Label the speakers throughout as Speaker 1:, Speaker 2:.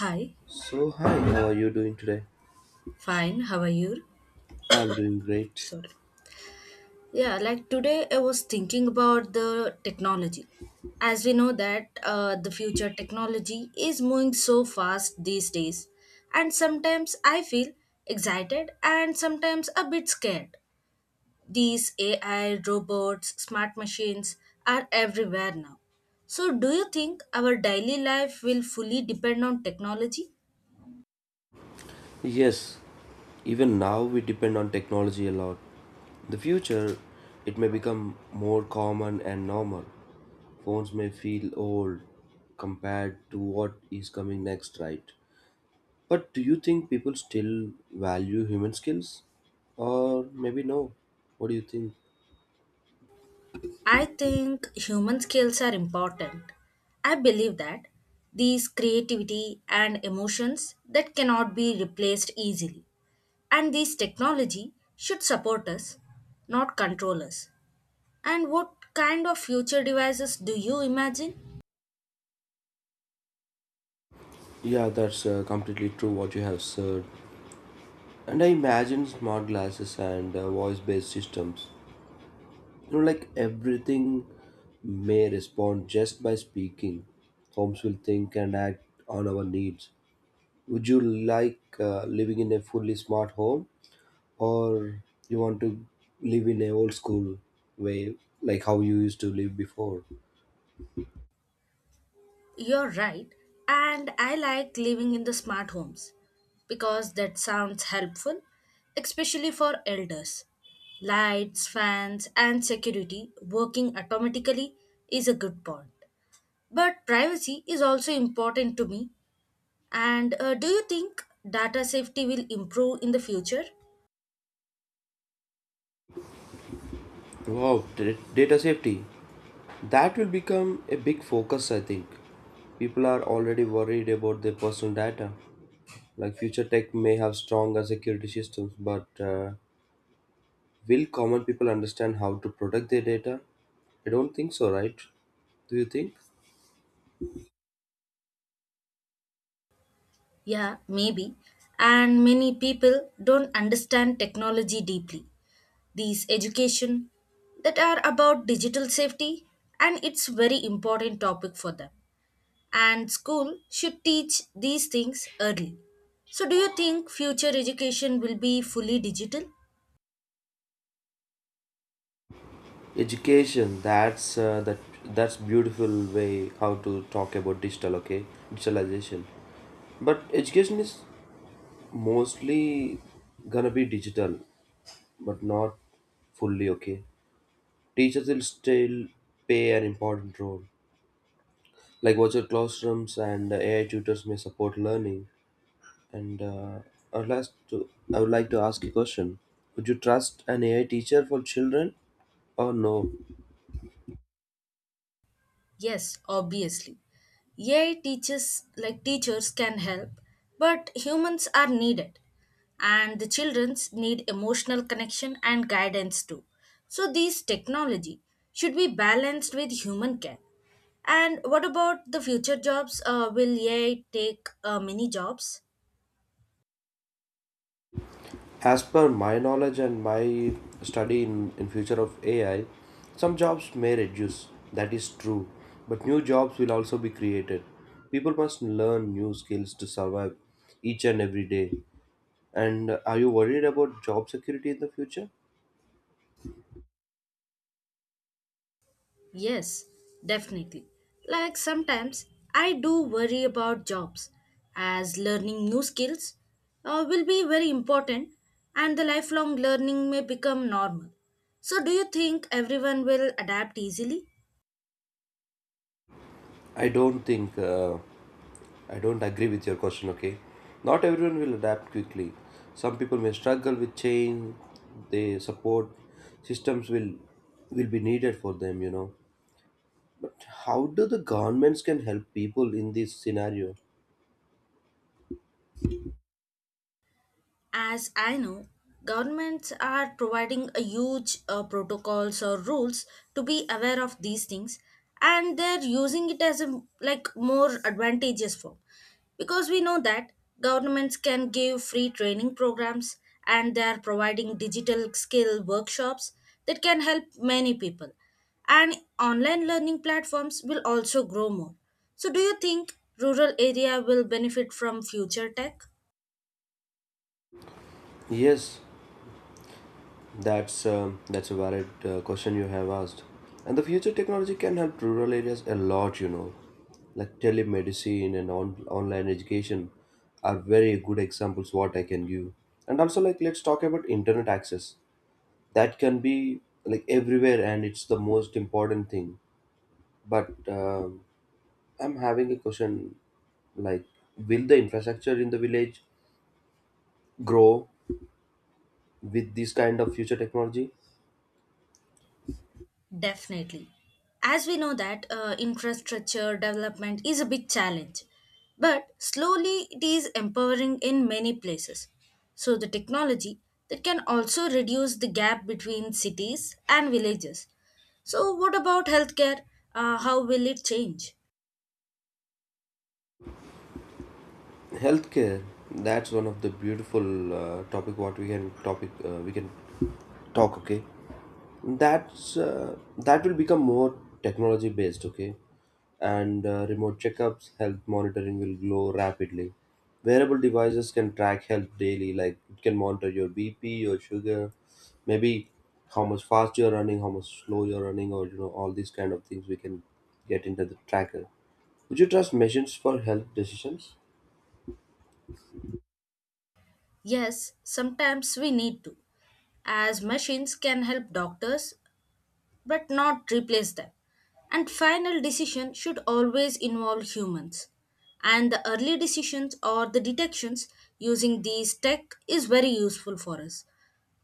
Speaker 1: Hi,
Speaker 2: So, hi, how are you doing today?
Speaker 1: fine. How are you?
Speaker 2: I'm doing great.
Speaker 1: Sorry. Yeah, like today I was thinking about the technology. As we know that the future technology is moving so fast these days, and sometimes I feel excited and sometimes a bit scared. These AI, robots, smart machines are everywhere now. So, do you think our daily life will fully depend on technology?
Speaker 2: Yes, even now we depend on technology a lot. In the future, it may become more common and normal. Phones may feel old compared to what is coming next, right? But do you think people still value human skills? Or maybe no? What do you think?
Speaker 1: I think human skills are important. I believe that these creativity and emotions that cannot be replaced easily. And these technology should support us, not control us. And what kind of future devices do you imagine?
Speaker 2: Yeah, that's completely true what you have said. And I imagine smart glasses and voice based systems. Like everything may respond just by speaking. Homes will think and act on our needs. Would you like living in a fully smart home, or you want to live in a old school way, like how you used to live before?
Speaker 1: You're right, and I like living in the smart homes because that sounds helpful, especially for elders. Lights, fans, and security working automatically is a good point. But privacy is also important to me. And do you think data safety will improve in the future?
Speaker 2: Wow, data safety. That will become a big focus, I think. People are already worried about their personal data. Like future tech may have stronger security systems, but will common people understand how to protect their data? I don't think so, right? Do you think?
Speaker 1: Yeah, maybe. And many people don't understand technology deeply. These education that are about digital safety and it's very important topic for them, and school should teach these things early. So do you think future education will be fully digital?
Speaker 2: Education. That's that. That's beautiful way how to talk about digital. Okay, digitalization. But education is mostly gonna be digital, but not fully. Okay, teachers will still play an important role. Like virtual classrooms and AI tutors may support learning. And I would like to ask a question. Would you trust an AI teacher for children, or no?
Speaker 1: Yes, obviously. AI teachers like teachers can help, but humans are needed. And the childrens need emotional connection and guidance too. So these technology should be balanced with human care. And what about the future jobs? Will AI take many jobs?
Speaker 2: As per my knowledge and my study in future of AI, some jobs may reduce. That is true. But new jobs will also be created. People must learn new skills to survive each and every day. And are you worried about job security in the future?
Speaker 1: Yes, definitely. Like sometimes I do worry about jobs, as learning new skills will be very important and the lifelong learning may become normal. So do you think everyone will adapt easily?
Speaker 2: I don't think uh, I don't agree with your question. Okay, not everyone will adapt quickly. Some people may struggle with change. They support systems will be needed for them. How do the governments can help people in this scenario?
Speaker 1: As I know, governments are providing a huge protocols or rules to be aware of these things, and they're using it as a like more advantageous form, because we know that governments can give free training programs and they are providing digital skill workshops that can help many people, and online learning platforms will also grow more. So do you think rural area will benefit from future tech?
Speaker 2: Yes, that's a valid question you have asked, and the future technology can help rural areas a lot. Like telemedicine and online education are very good examples what I can give. And also, like let's talk about internet access. That can be like everywhere, and it's the most important thing. But I'm having a question like, will the infrastructure in the village grow with this kind of future technology?
Speaker 1: Definitely. As we know that infrastructure development is a big challenge, but slowly it is empowering in many places. So the technology that can also reduce the gap between cities and villages. So what about healthcare? How will it change?
Speaker 2: Healthcare, that's one of the beautiful topic we can talk. Okay, that will become more technology based. Okay, and remote checkups, health monitoring will grow rapidly. Wearable devices can track health daily. Like it can monitor your bp, your sugar, maybe how much fast you're running, how much slow you're running, or all these kind of things we can get into the tracker. Would you trust machines for health decisions?
Speaker 1: Yes, sometimes we need to, as machines can help doctors but not replace them. And final decision should always involve humans. And the early decisions or the detections using these tech is very useful for us.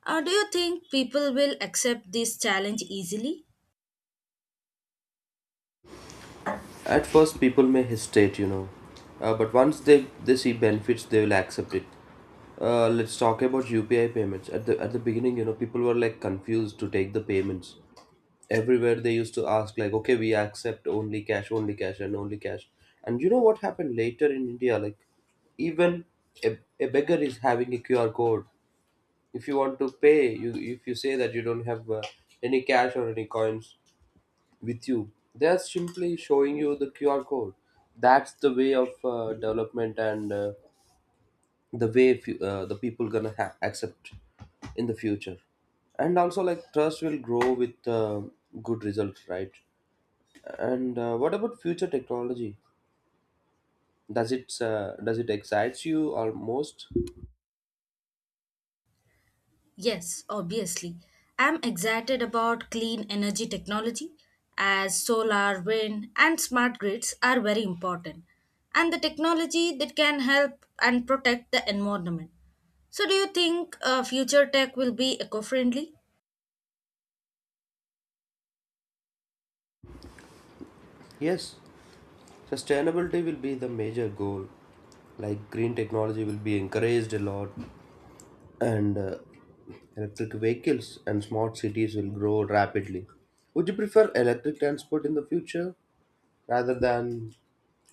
Speaker 1: Do you think people will accept this challenge easily?
Speaker 2: At first, people may hesitate, but once they see benefits, they will accept it. Let's talk about UPI payments. At the beginning, people were like confused to take the payments. Everywhere they used to ask like, okay, we accept only cash, only cash. And you know what happened later in India? Like, even a beggar is having a QR code. If you want to pay, you if you say that you don't have any cash or any coins, with you. They are simply showing you the QR code. That's the way of development, and the way the people gonna accept in the future. And also, like trust will grow with good results, right? And what about future technology? Does it excites you almost?
Speaker 1: Yes, obviously. I'm excited about clean energy technology, as solar, wind, and smart grids are very important, and the technology that can help and protect the environment. So, do you think future tech will be eco friendly?
Speaker 2: Yes, sustainability will be the major goal. Like green technology will be encouraged a lot, and electric vehicles and smart cities will grow rapidly. Would you prefer electric transport in the future, rather than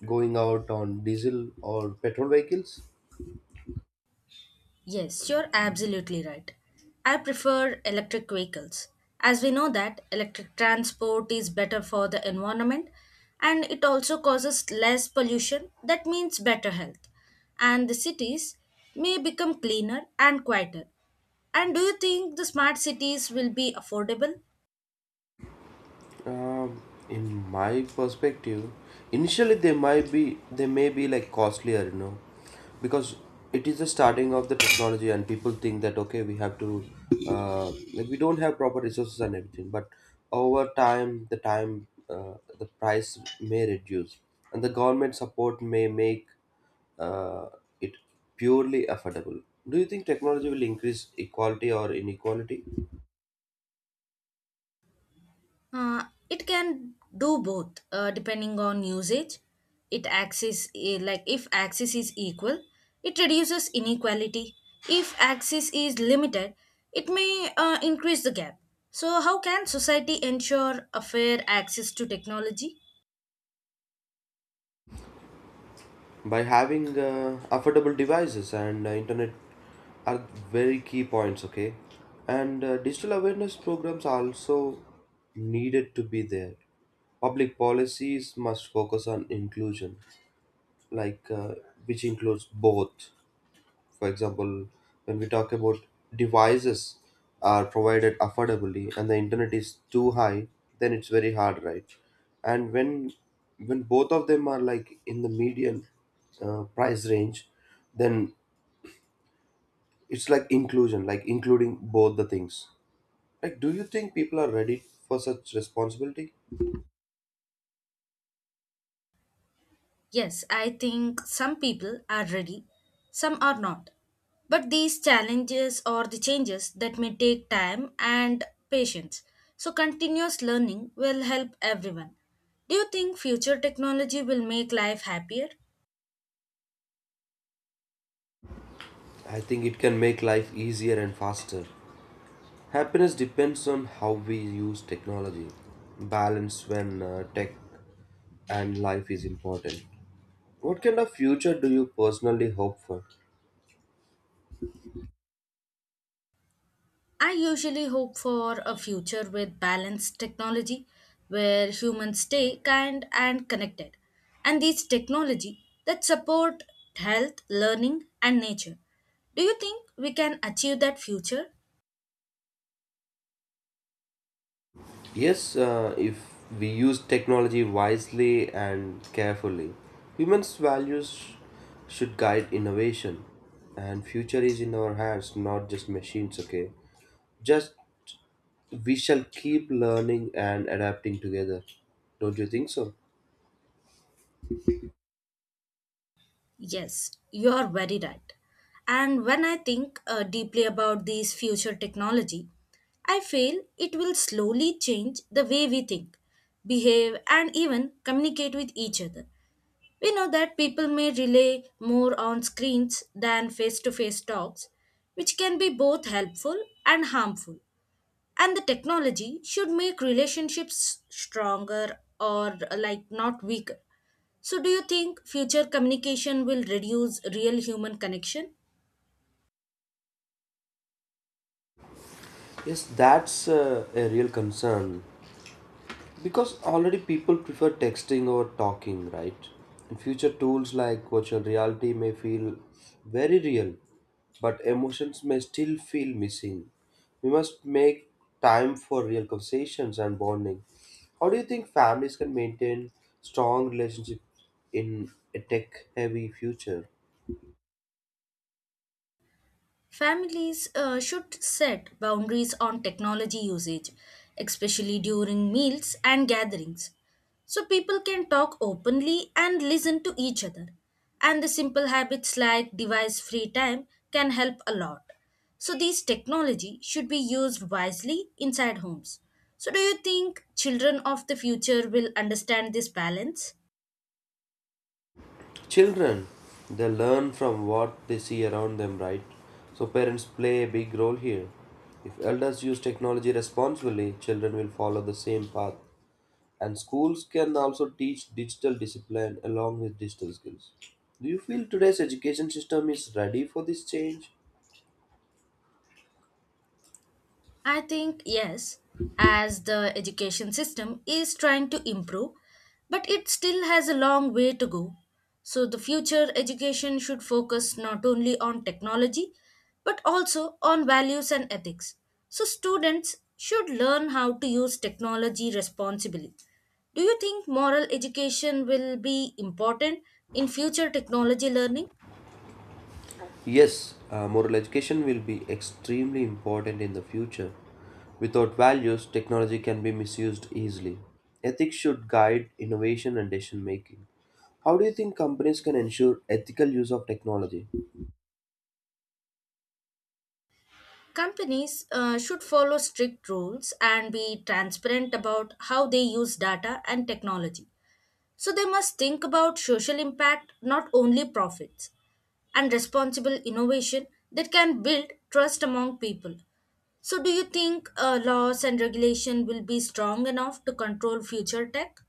Speaker 2: going out on diesel or petrol vehicles?
Speaker 1: Yes, you're absolutely right. I prefer electric vehicles. As we know that electric transport is better for the environment and it also causes less pollution, that means better health. And the cities may become cleaner and quieter. And do you think the smart cities will be affordable?
Speaker 2: Um, in my perspective, initially they may be like costlier, you know, because it is the starting of the technology, and people think that, okay, we have to like we don't have proper resources and everything. But over time, the price may reduce, and the government support may make uh, it purely affordable. Do you think technology will increase equality or inequality?
Speaker 1: Uh, it can do both depending on usage. It axis like if axis is equal, it reduces inequality. If axis is limited, it may increase the gap. So, how can society ensure a fair access to technology?
Speaker 2: By having affordable devices and internet are very key points. Okay, and digital awareness programs are also needed to be there. Public policies must focus on inclusion, like which includes both. For example, when we talk about devices are provided affordably and the internet is too high, then it's very hard, right? And when both of them are like in the median price range, then it's like inclusion, like including both the things. Like, do you think people are ready for such responsibility?
Speaker 1: Yes, I think some people are ready, some are not. But these challenges or the changes that may take time and patience. So continuous learning will help everyone. Do you think future technology will make life happier?
Speaker 2: I think it can make life easier and faster. Happiness depends on how we use technology. Balance when tech and life is important. What kind of future do you personally hope for?
Speaker 1: I usually hope for a future with balanced technology, where humans stay kind and connected, and these technology that support health, learning, and nature. Do you think we can achieve that future?
Speaker 2: Yes, if we use technology wisely and carefully, humans' values should guide innovation, and future is in our hands, not just machines. Okay, just we shall keep learning and adapting together. Don't you think so?
Speaker 1: Yes, you are very right. And when I think deeply about these future technology, I feel it will slowly change the way we think, behave, and even communicate with each other. We know that people may rely more on screens than face to face talks, which can be both helpful and harmful. And the technology should make relationships stronger or like not weaker. So, do you think future communication will reduce real human connection?
Speaker 2: Yes, that's a real concern, because already people prefer texting over talking, right? And future tools like virtual reality may feel very real, but emotions may still feel missing. We must make time for real conversations and bonding. How do you think families can maintain strong relationship in a tech-heavy future?
Speaker 1: Families should set boundaries on technology usage, especially during meals and gatherings, so people can talk openly and listen to each other. And the simple habits like device free time can help a lot. So, these technology should be used wisely inside homes. So, do you think children of the future will understand this balance?
Speaker 2: Children, they learn from what they see around them, right? So parents play a big role here. If elders use technology responsibly, children will follow the same path. And schools can also teach digital discipline along with digital skills. Do you feel today's education system is ready for this change?
Speaker 1: I think yes, as the education system is trying to improve, but it still has a long way to go. So, the future education should focus not only on technology but also on values and ethics. So, students should learn how to use technology responsibly. Do you think moral education will be important in future technology learning?
Speaker 2: Yes, moral education will be extremely important in the future. Without values, technology can be misused easily. Ethics should guide innovation and decision making. How do you think companies can ensure ethical use of technology?
Speaker 1: Companies should follow strict rules and be transparent about how they use data and technology. So they must think about social impact, not only profits, and responsible innovation that can build trust among people. So, do you think laws and regulation will be strong enough to control future tech?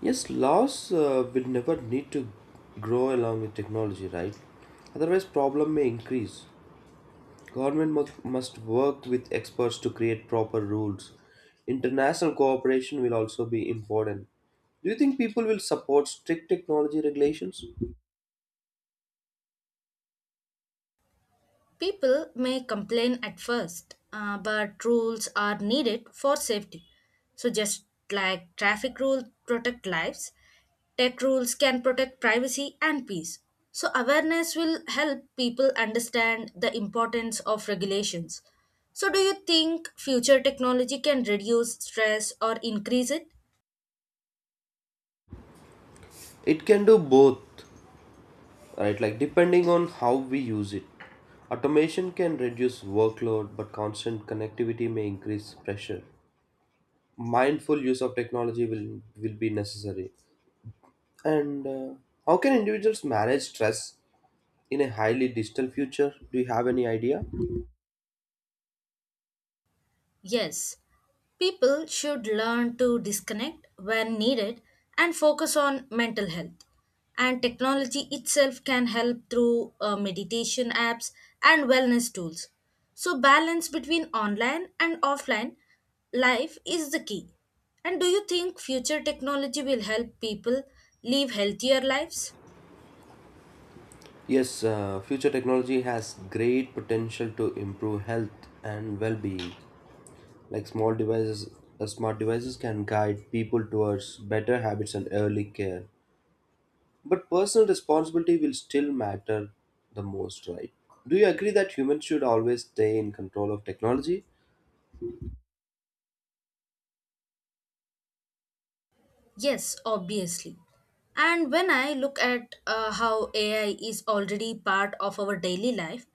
Speaker 2: Yes, laws will never need to grow along with technology, right? Otherwise, problem may increase. Government must work with experts to create proper rules. International cooperation will also be important. Do you think people will support strict technology regulations?
Speaker 1: People may complain at first, but rules are needed for safety. So, just like traffic rules protect lives, tech rules can protect privacy and peace. So, awareness will help people understand the importance of regulations. So, do you think future technology can reduce stress or increase it?
Speaker 2: It can do both, right? Like depending on how we use it. Automation can reduce workload, but constant connectivity may increase pressure. Mindful use of technology will be necessary. And how can individuals manage stress in a highly digital future? Do you have any idea?
Speaker 1: Yes, people should learn to disconnect when needed and focus on mental health. And technology itself can help through meditation apps and wellness tools. So, balance between online and offline life is the key. And do you think future technology will help people live healthier lives?
Speaker 2: Yes, future technology has great potential to improve health and well-being. Like small devices, Smart devices can guide people towards better habits and early care. But personal responsibility will still matter the most, right? Do you agree that humans should always stay in control of technology?
Speaker 1: Yes, obviously. And when I look at how AI is already part of our daily life,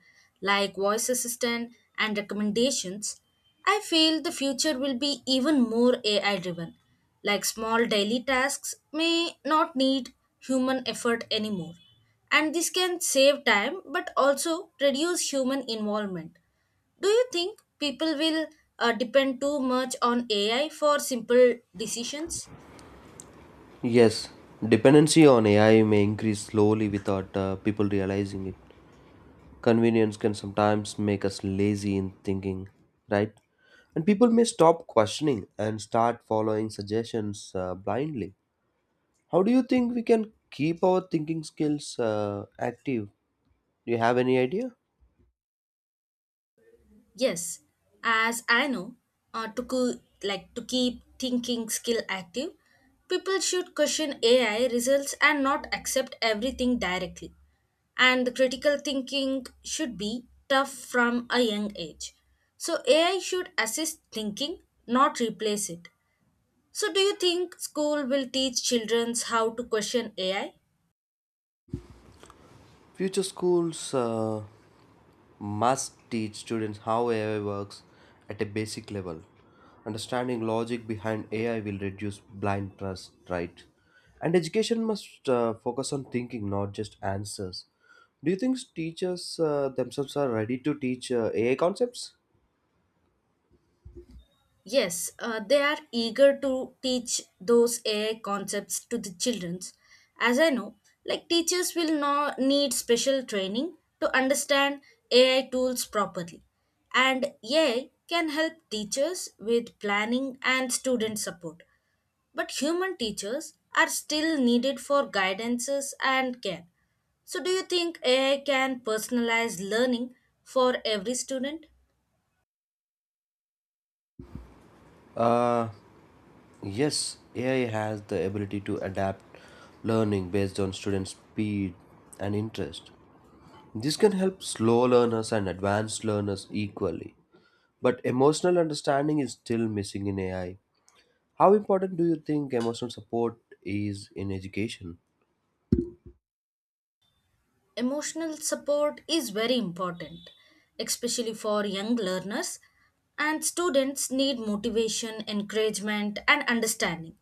Speaker 1: like voice assistant and recommendations, I feel the future will be even more AI driven. Like small daily tasks may not need human effort anymore. And this can save time but also reduce human involvement. Do you think people will depend too much on AI for simple decisions?
Speaker 2: Yes, dependency on AI may increase slowly without people realizing it. Convenience can sometimes make us lazy in thinking, right? And people may stop questioning and start following suggestions blindly. How do you think we can keep our thinking skills active? Do you have any idea?
Speaker 1: Yes, as I know, like to keep thinking skill active, people should question AI results and not accept everything directly. And the critical thinking should be tough from a young age. So AI should assist thinking, not replace it. So do you think school will teach children how to question AI?
Speaker 2: Future schools must teach students how AI works at a basic level. Understanding logic behind AI will reduce blind trust, right? And education must focus on thinking, not just answers. Do you think teachers themselves are ready to teach AI concepts?
Speaker 1: Yes, they are eager to teach those AI concepts to the children. As I know, like teachers will not need special training to understand AI tools properly. And AI can help teachers with planning and student support. But human teachers are still needed for guidances and care. So do you think AI can personalize learning for every student?
Speaker 2: Uh, yes, AI has the ability to adapt learning based on student speed and interest. This can help slow learners and advanced learners equally. But emotional understanding is still missing in AI. How important do you think emotional support is in education?
Speaker 1: Emotional support is very important, especially for young learners, and students need motivation, encouragement, and understanding.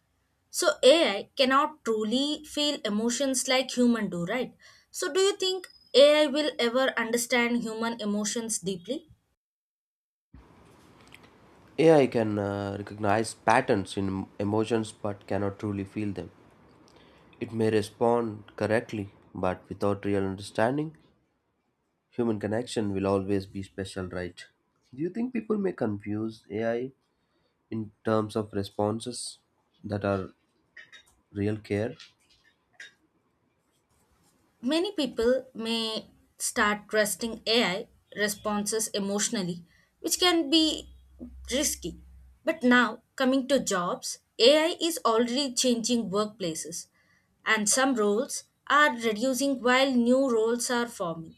Speaker 1: So, AI cannot truly feel emotions like humans do, right? So, do you think AI will ever understand human emotions deeply?
Speaker 2: AI can recognize patterns in emotions but cannot truly feel them. It may respond correctly, but without real understanding, human connection will always be special, right? Do you think people may confuse AI in terms of responses that are real care?
Speaker 1: Many people may start trusting AI responses emotionally, which can be risky. But now, coming to jobs, AI is already changing workplaces, and some roles are reducing while new roles are forming.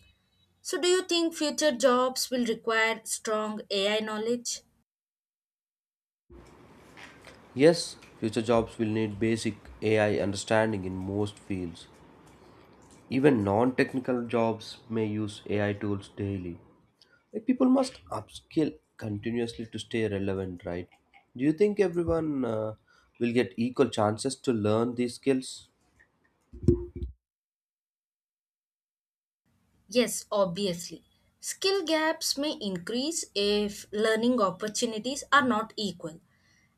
Speaker 1: So, do you think future jobs will require strong AI knowledge?
Speaker 2: Yes, future jobs will need basic AI understanding in most fields. Even non-technical jobs may use AI tools daily. Like people must upskill continuously to stay relevant, right? Do you think everyone will get equal chances to learn these skills?
Speaker 1: Yes, obviously. Skill gaps may increase if learning opportunities are not equal.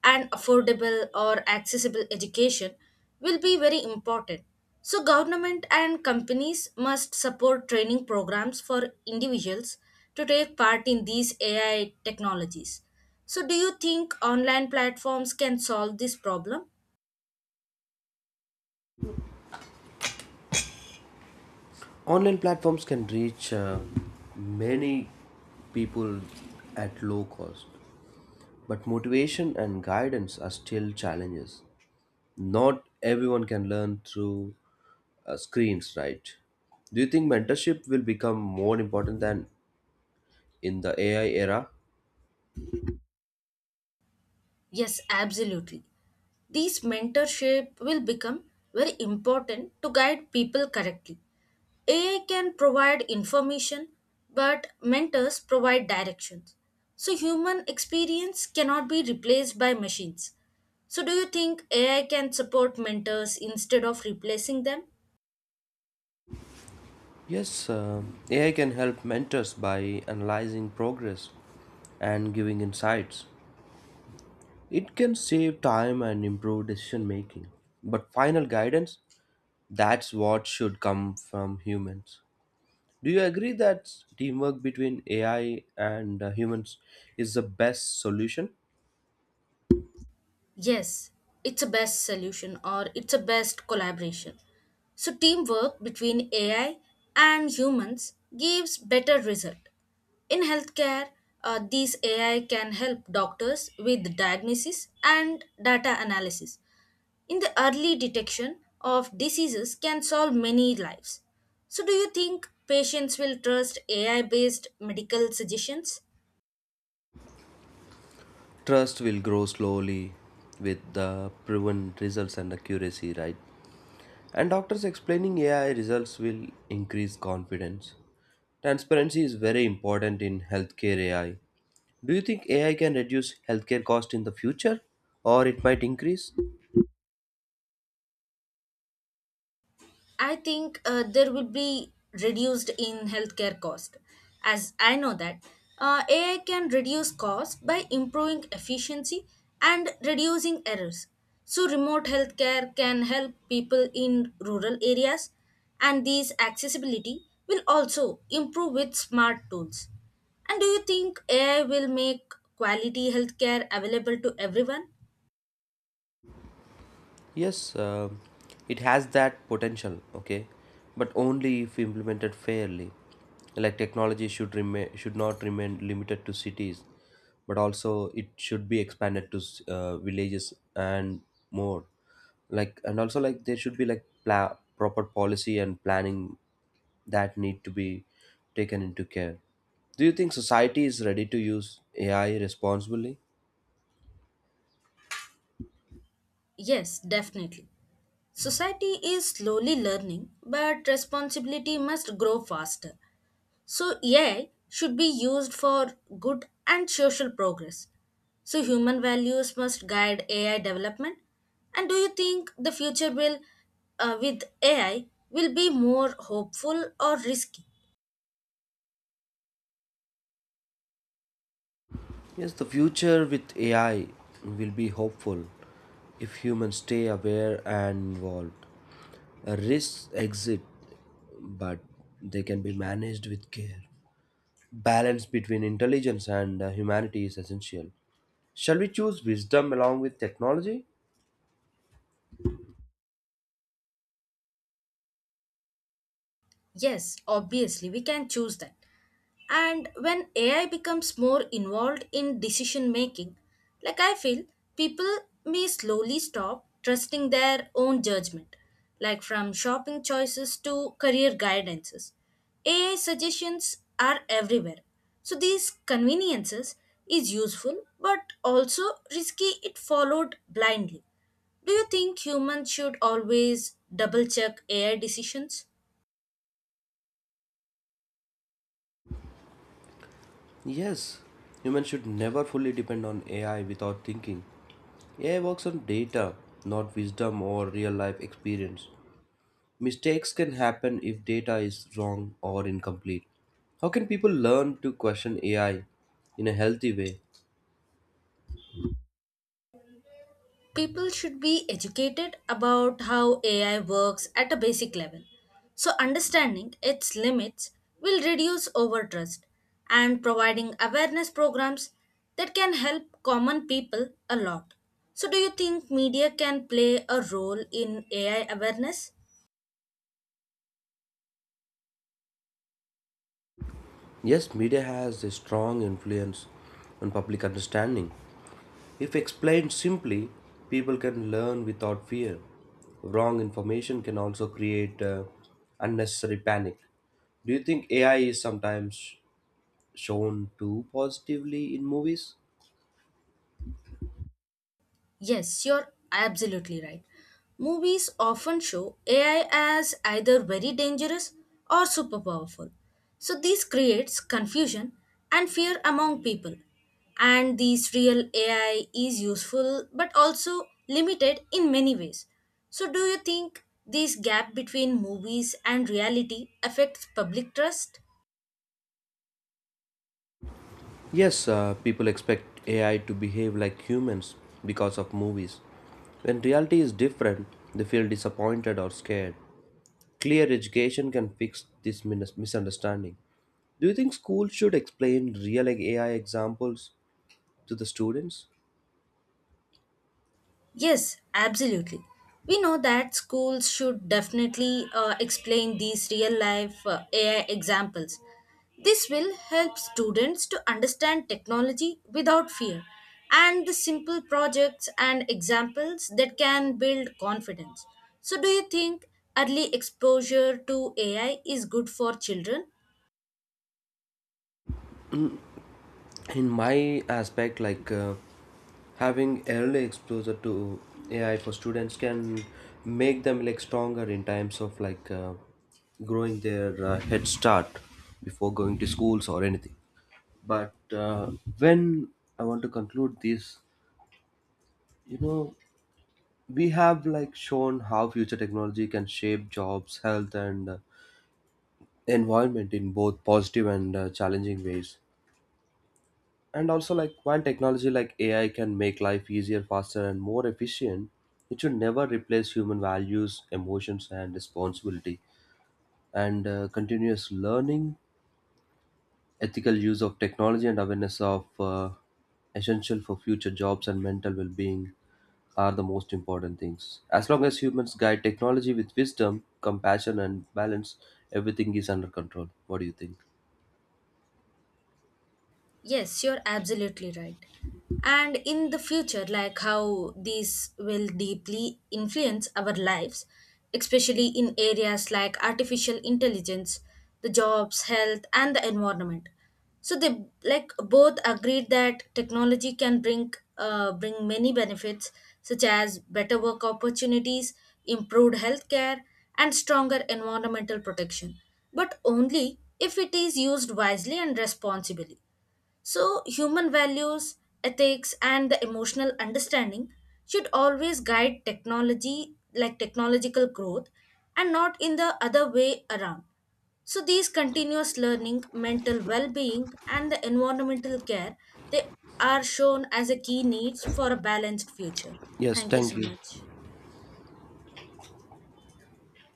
Speaker 1: And affordable or accessible education will be very important. So, government and companies must support training programs for individuals to take part in these AI technologies. So, do you think online platforms can solve this problem?
Speaker 2: Online platforms can reach many people at low cost, but motivation and guidance are still challenges. Not everyone can learn through screens, right? Do you think mentorship will become more important than in the AI era?
Speaker 1: Yes, absolutely. These mentorship will become very important to guide people correctly. AI can provide information, but mentors provide directions. So human experience cannot be replaced by machines. So do you think AI can support mentors instead of replacing them?
Speaker 2: Yes, AI can help mentors by analyzing progress and giving insights. It can save time and improve decision making. But final guidance, that's what should come from humans. Do you agree that teamwork between AI and humans is the best solution?
Speaker 1: Yes, it's a best solution or it's a best collaboration. So teamwork between AI and humans gives better result. In healthcare, these AI can help doctors with diagnosis and data analysis. In the early detection of diseases can solve many lives. So do you think patients will trust AI based medical suggestions?
Speaker 2: Trust will grow slowly with the proven results and accuracy, right? And doctors explaining AI results will increase confidence. Transparency is very important in healthcare AI. Do you think AI can reduce healthcare cost in the future, or it might increase?
Speaker 1: I think there will be reduced in healthcare cost, as I know that AI can reduce cost by improving efficiency and reducing errors. So remote healthcare can help people in rural areas, and these accessibility will also improve with smart tools. And do you think AI will make quality healthcare available to everyone?
Speaker 2: Yes, it has that potential. Okay, but only if implemented fairly. Like technology should not remain limited to cities, but also it should be expanded to villages and more. Like, and also, like there should be like proper policy and planning that need to be taken into care. Do you think society is ready to use AI responsibly?
Speaker 1: Yes, definitely. Society is slowly learning, but responsibility must grow faster. So, AI should be used for good and social progress. So, human values must guide AI development. And do you think the future will, with AI, will be more hopeful or risky?
Speaker 2: Yes, the future with AI will be hopeful if humans stay aware and involved. Risks exist, but they can be managed with care. Balance between intelligence and humanity is essential. Shall we choose wisdom along with technology?
Speaker 1: Yes, obviously, we can choose that. And when AI becomes more involved in decision making, like I feel, people may slowly stop trusting their own judgment, like from shopping choices to career guidances. AI suggestions are everywhere. So these conveniences is useful but also risky if followed blindly. Do you think humans should always double check AI decisions?
Speaker 2: Yes, humans should never fully depend on AI without thinking. AI works on data, not wisdom or real life experience. Mistakes can happen if data is wrong or incomplete. How can people learn to question AI in a healthy way?
Speaker 1: People should be educated about how AI works at a basic level. So, understanding its limits will reduce overtrust, and providing awareness programs that can help common people a lot. So, do you think media can play a role in AI awareness?
Speaker 2: Yes, media has a strong influence on public understanding. If explained simply, people can learn without fear. Wrong information can also create unnecessary panic. Do you think AI is sometimes shown too positively in movies?
Speaker 1: Yes, you're absolutely right. Movies often show AI as either very dangerous or super powerful. So this creates confusion and fear among people. And these real AI is useful but also limited in many ways. So do you think this gap between movies and reality affects public trust?
Speaker 2: Yes, people expect AI to behave like humans because of movies. When reality is different, they feel disappointed or scared. Clear education can fix this misunderstanding. Do you think schools should explain real, like, AI examples to the students?
Speaker 1: Yes, absolutely. We know that schools should definitely explain these real life AI examples. This will help students to understand technology without fear, and the simple projects and examples that can build confidence. So, do you think early exposure to AI is good for children?
Speaker 2: In my aspect, like having early exposure to AI for students can make them like stronger in times of, like growing their head start before going to schools or anything. But When I want to conclude this, you know, we have like shown how future technology can shape jobs, health, and environment in both positive and challenging ways. And also, like while technology like AI can make life easier, faster, and more efficient, it should never replace human values, emotions, and responsibility. And continuous learning, ethical use of technology, and awareness of essential for future jobs and mental well-being are the most important things. As long as humans guide technology with wisdom, compassion, and balance, everything is under control. What do you think?
Speaker 1: Yes, you're absolutely right. And in the future, like how these will deeply influence our lives, especially in areas like artificial intelligence, the jobs, health, and the environment. So they like both agreed that technology can bring many benefits, such as better work opportunities, improved healthcare, and stronger environmental protection, but only if it is used wisely and responsibly. So, human values, ethics, and the emotional understanding should always guide technology, like technological growth, and not in the other way around. So, these continuous learning, mental well being, and the environmental care, they are shown as a key needs for a balanced future.
Speaker 2: Yes,
Speaker 1: Thank you
Speaker 2: thank
Speaker 1: so
Speaker 2: you.
Speaker 1: much.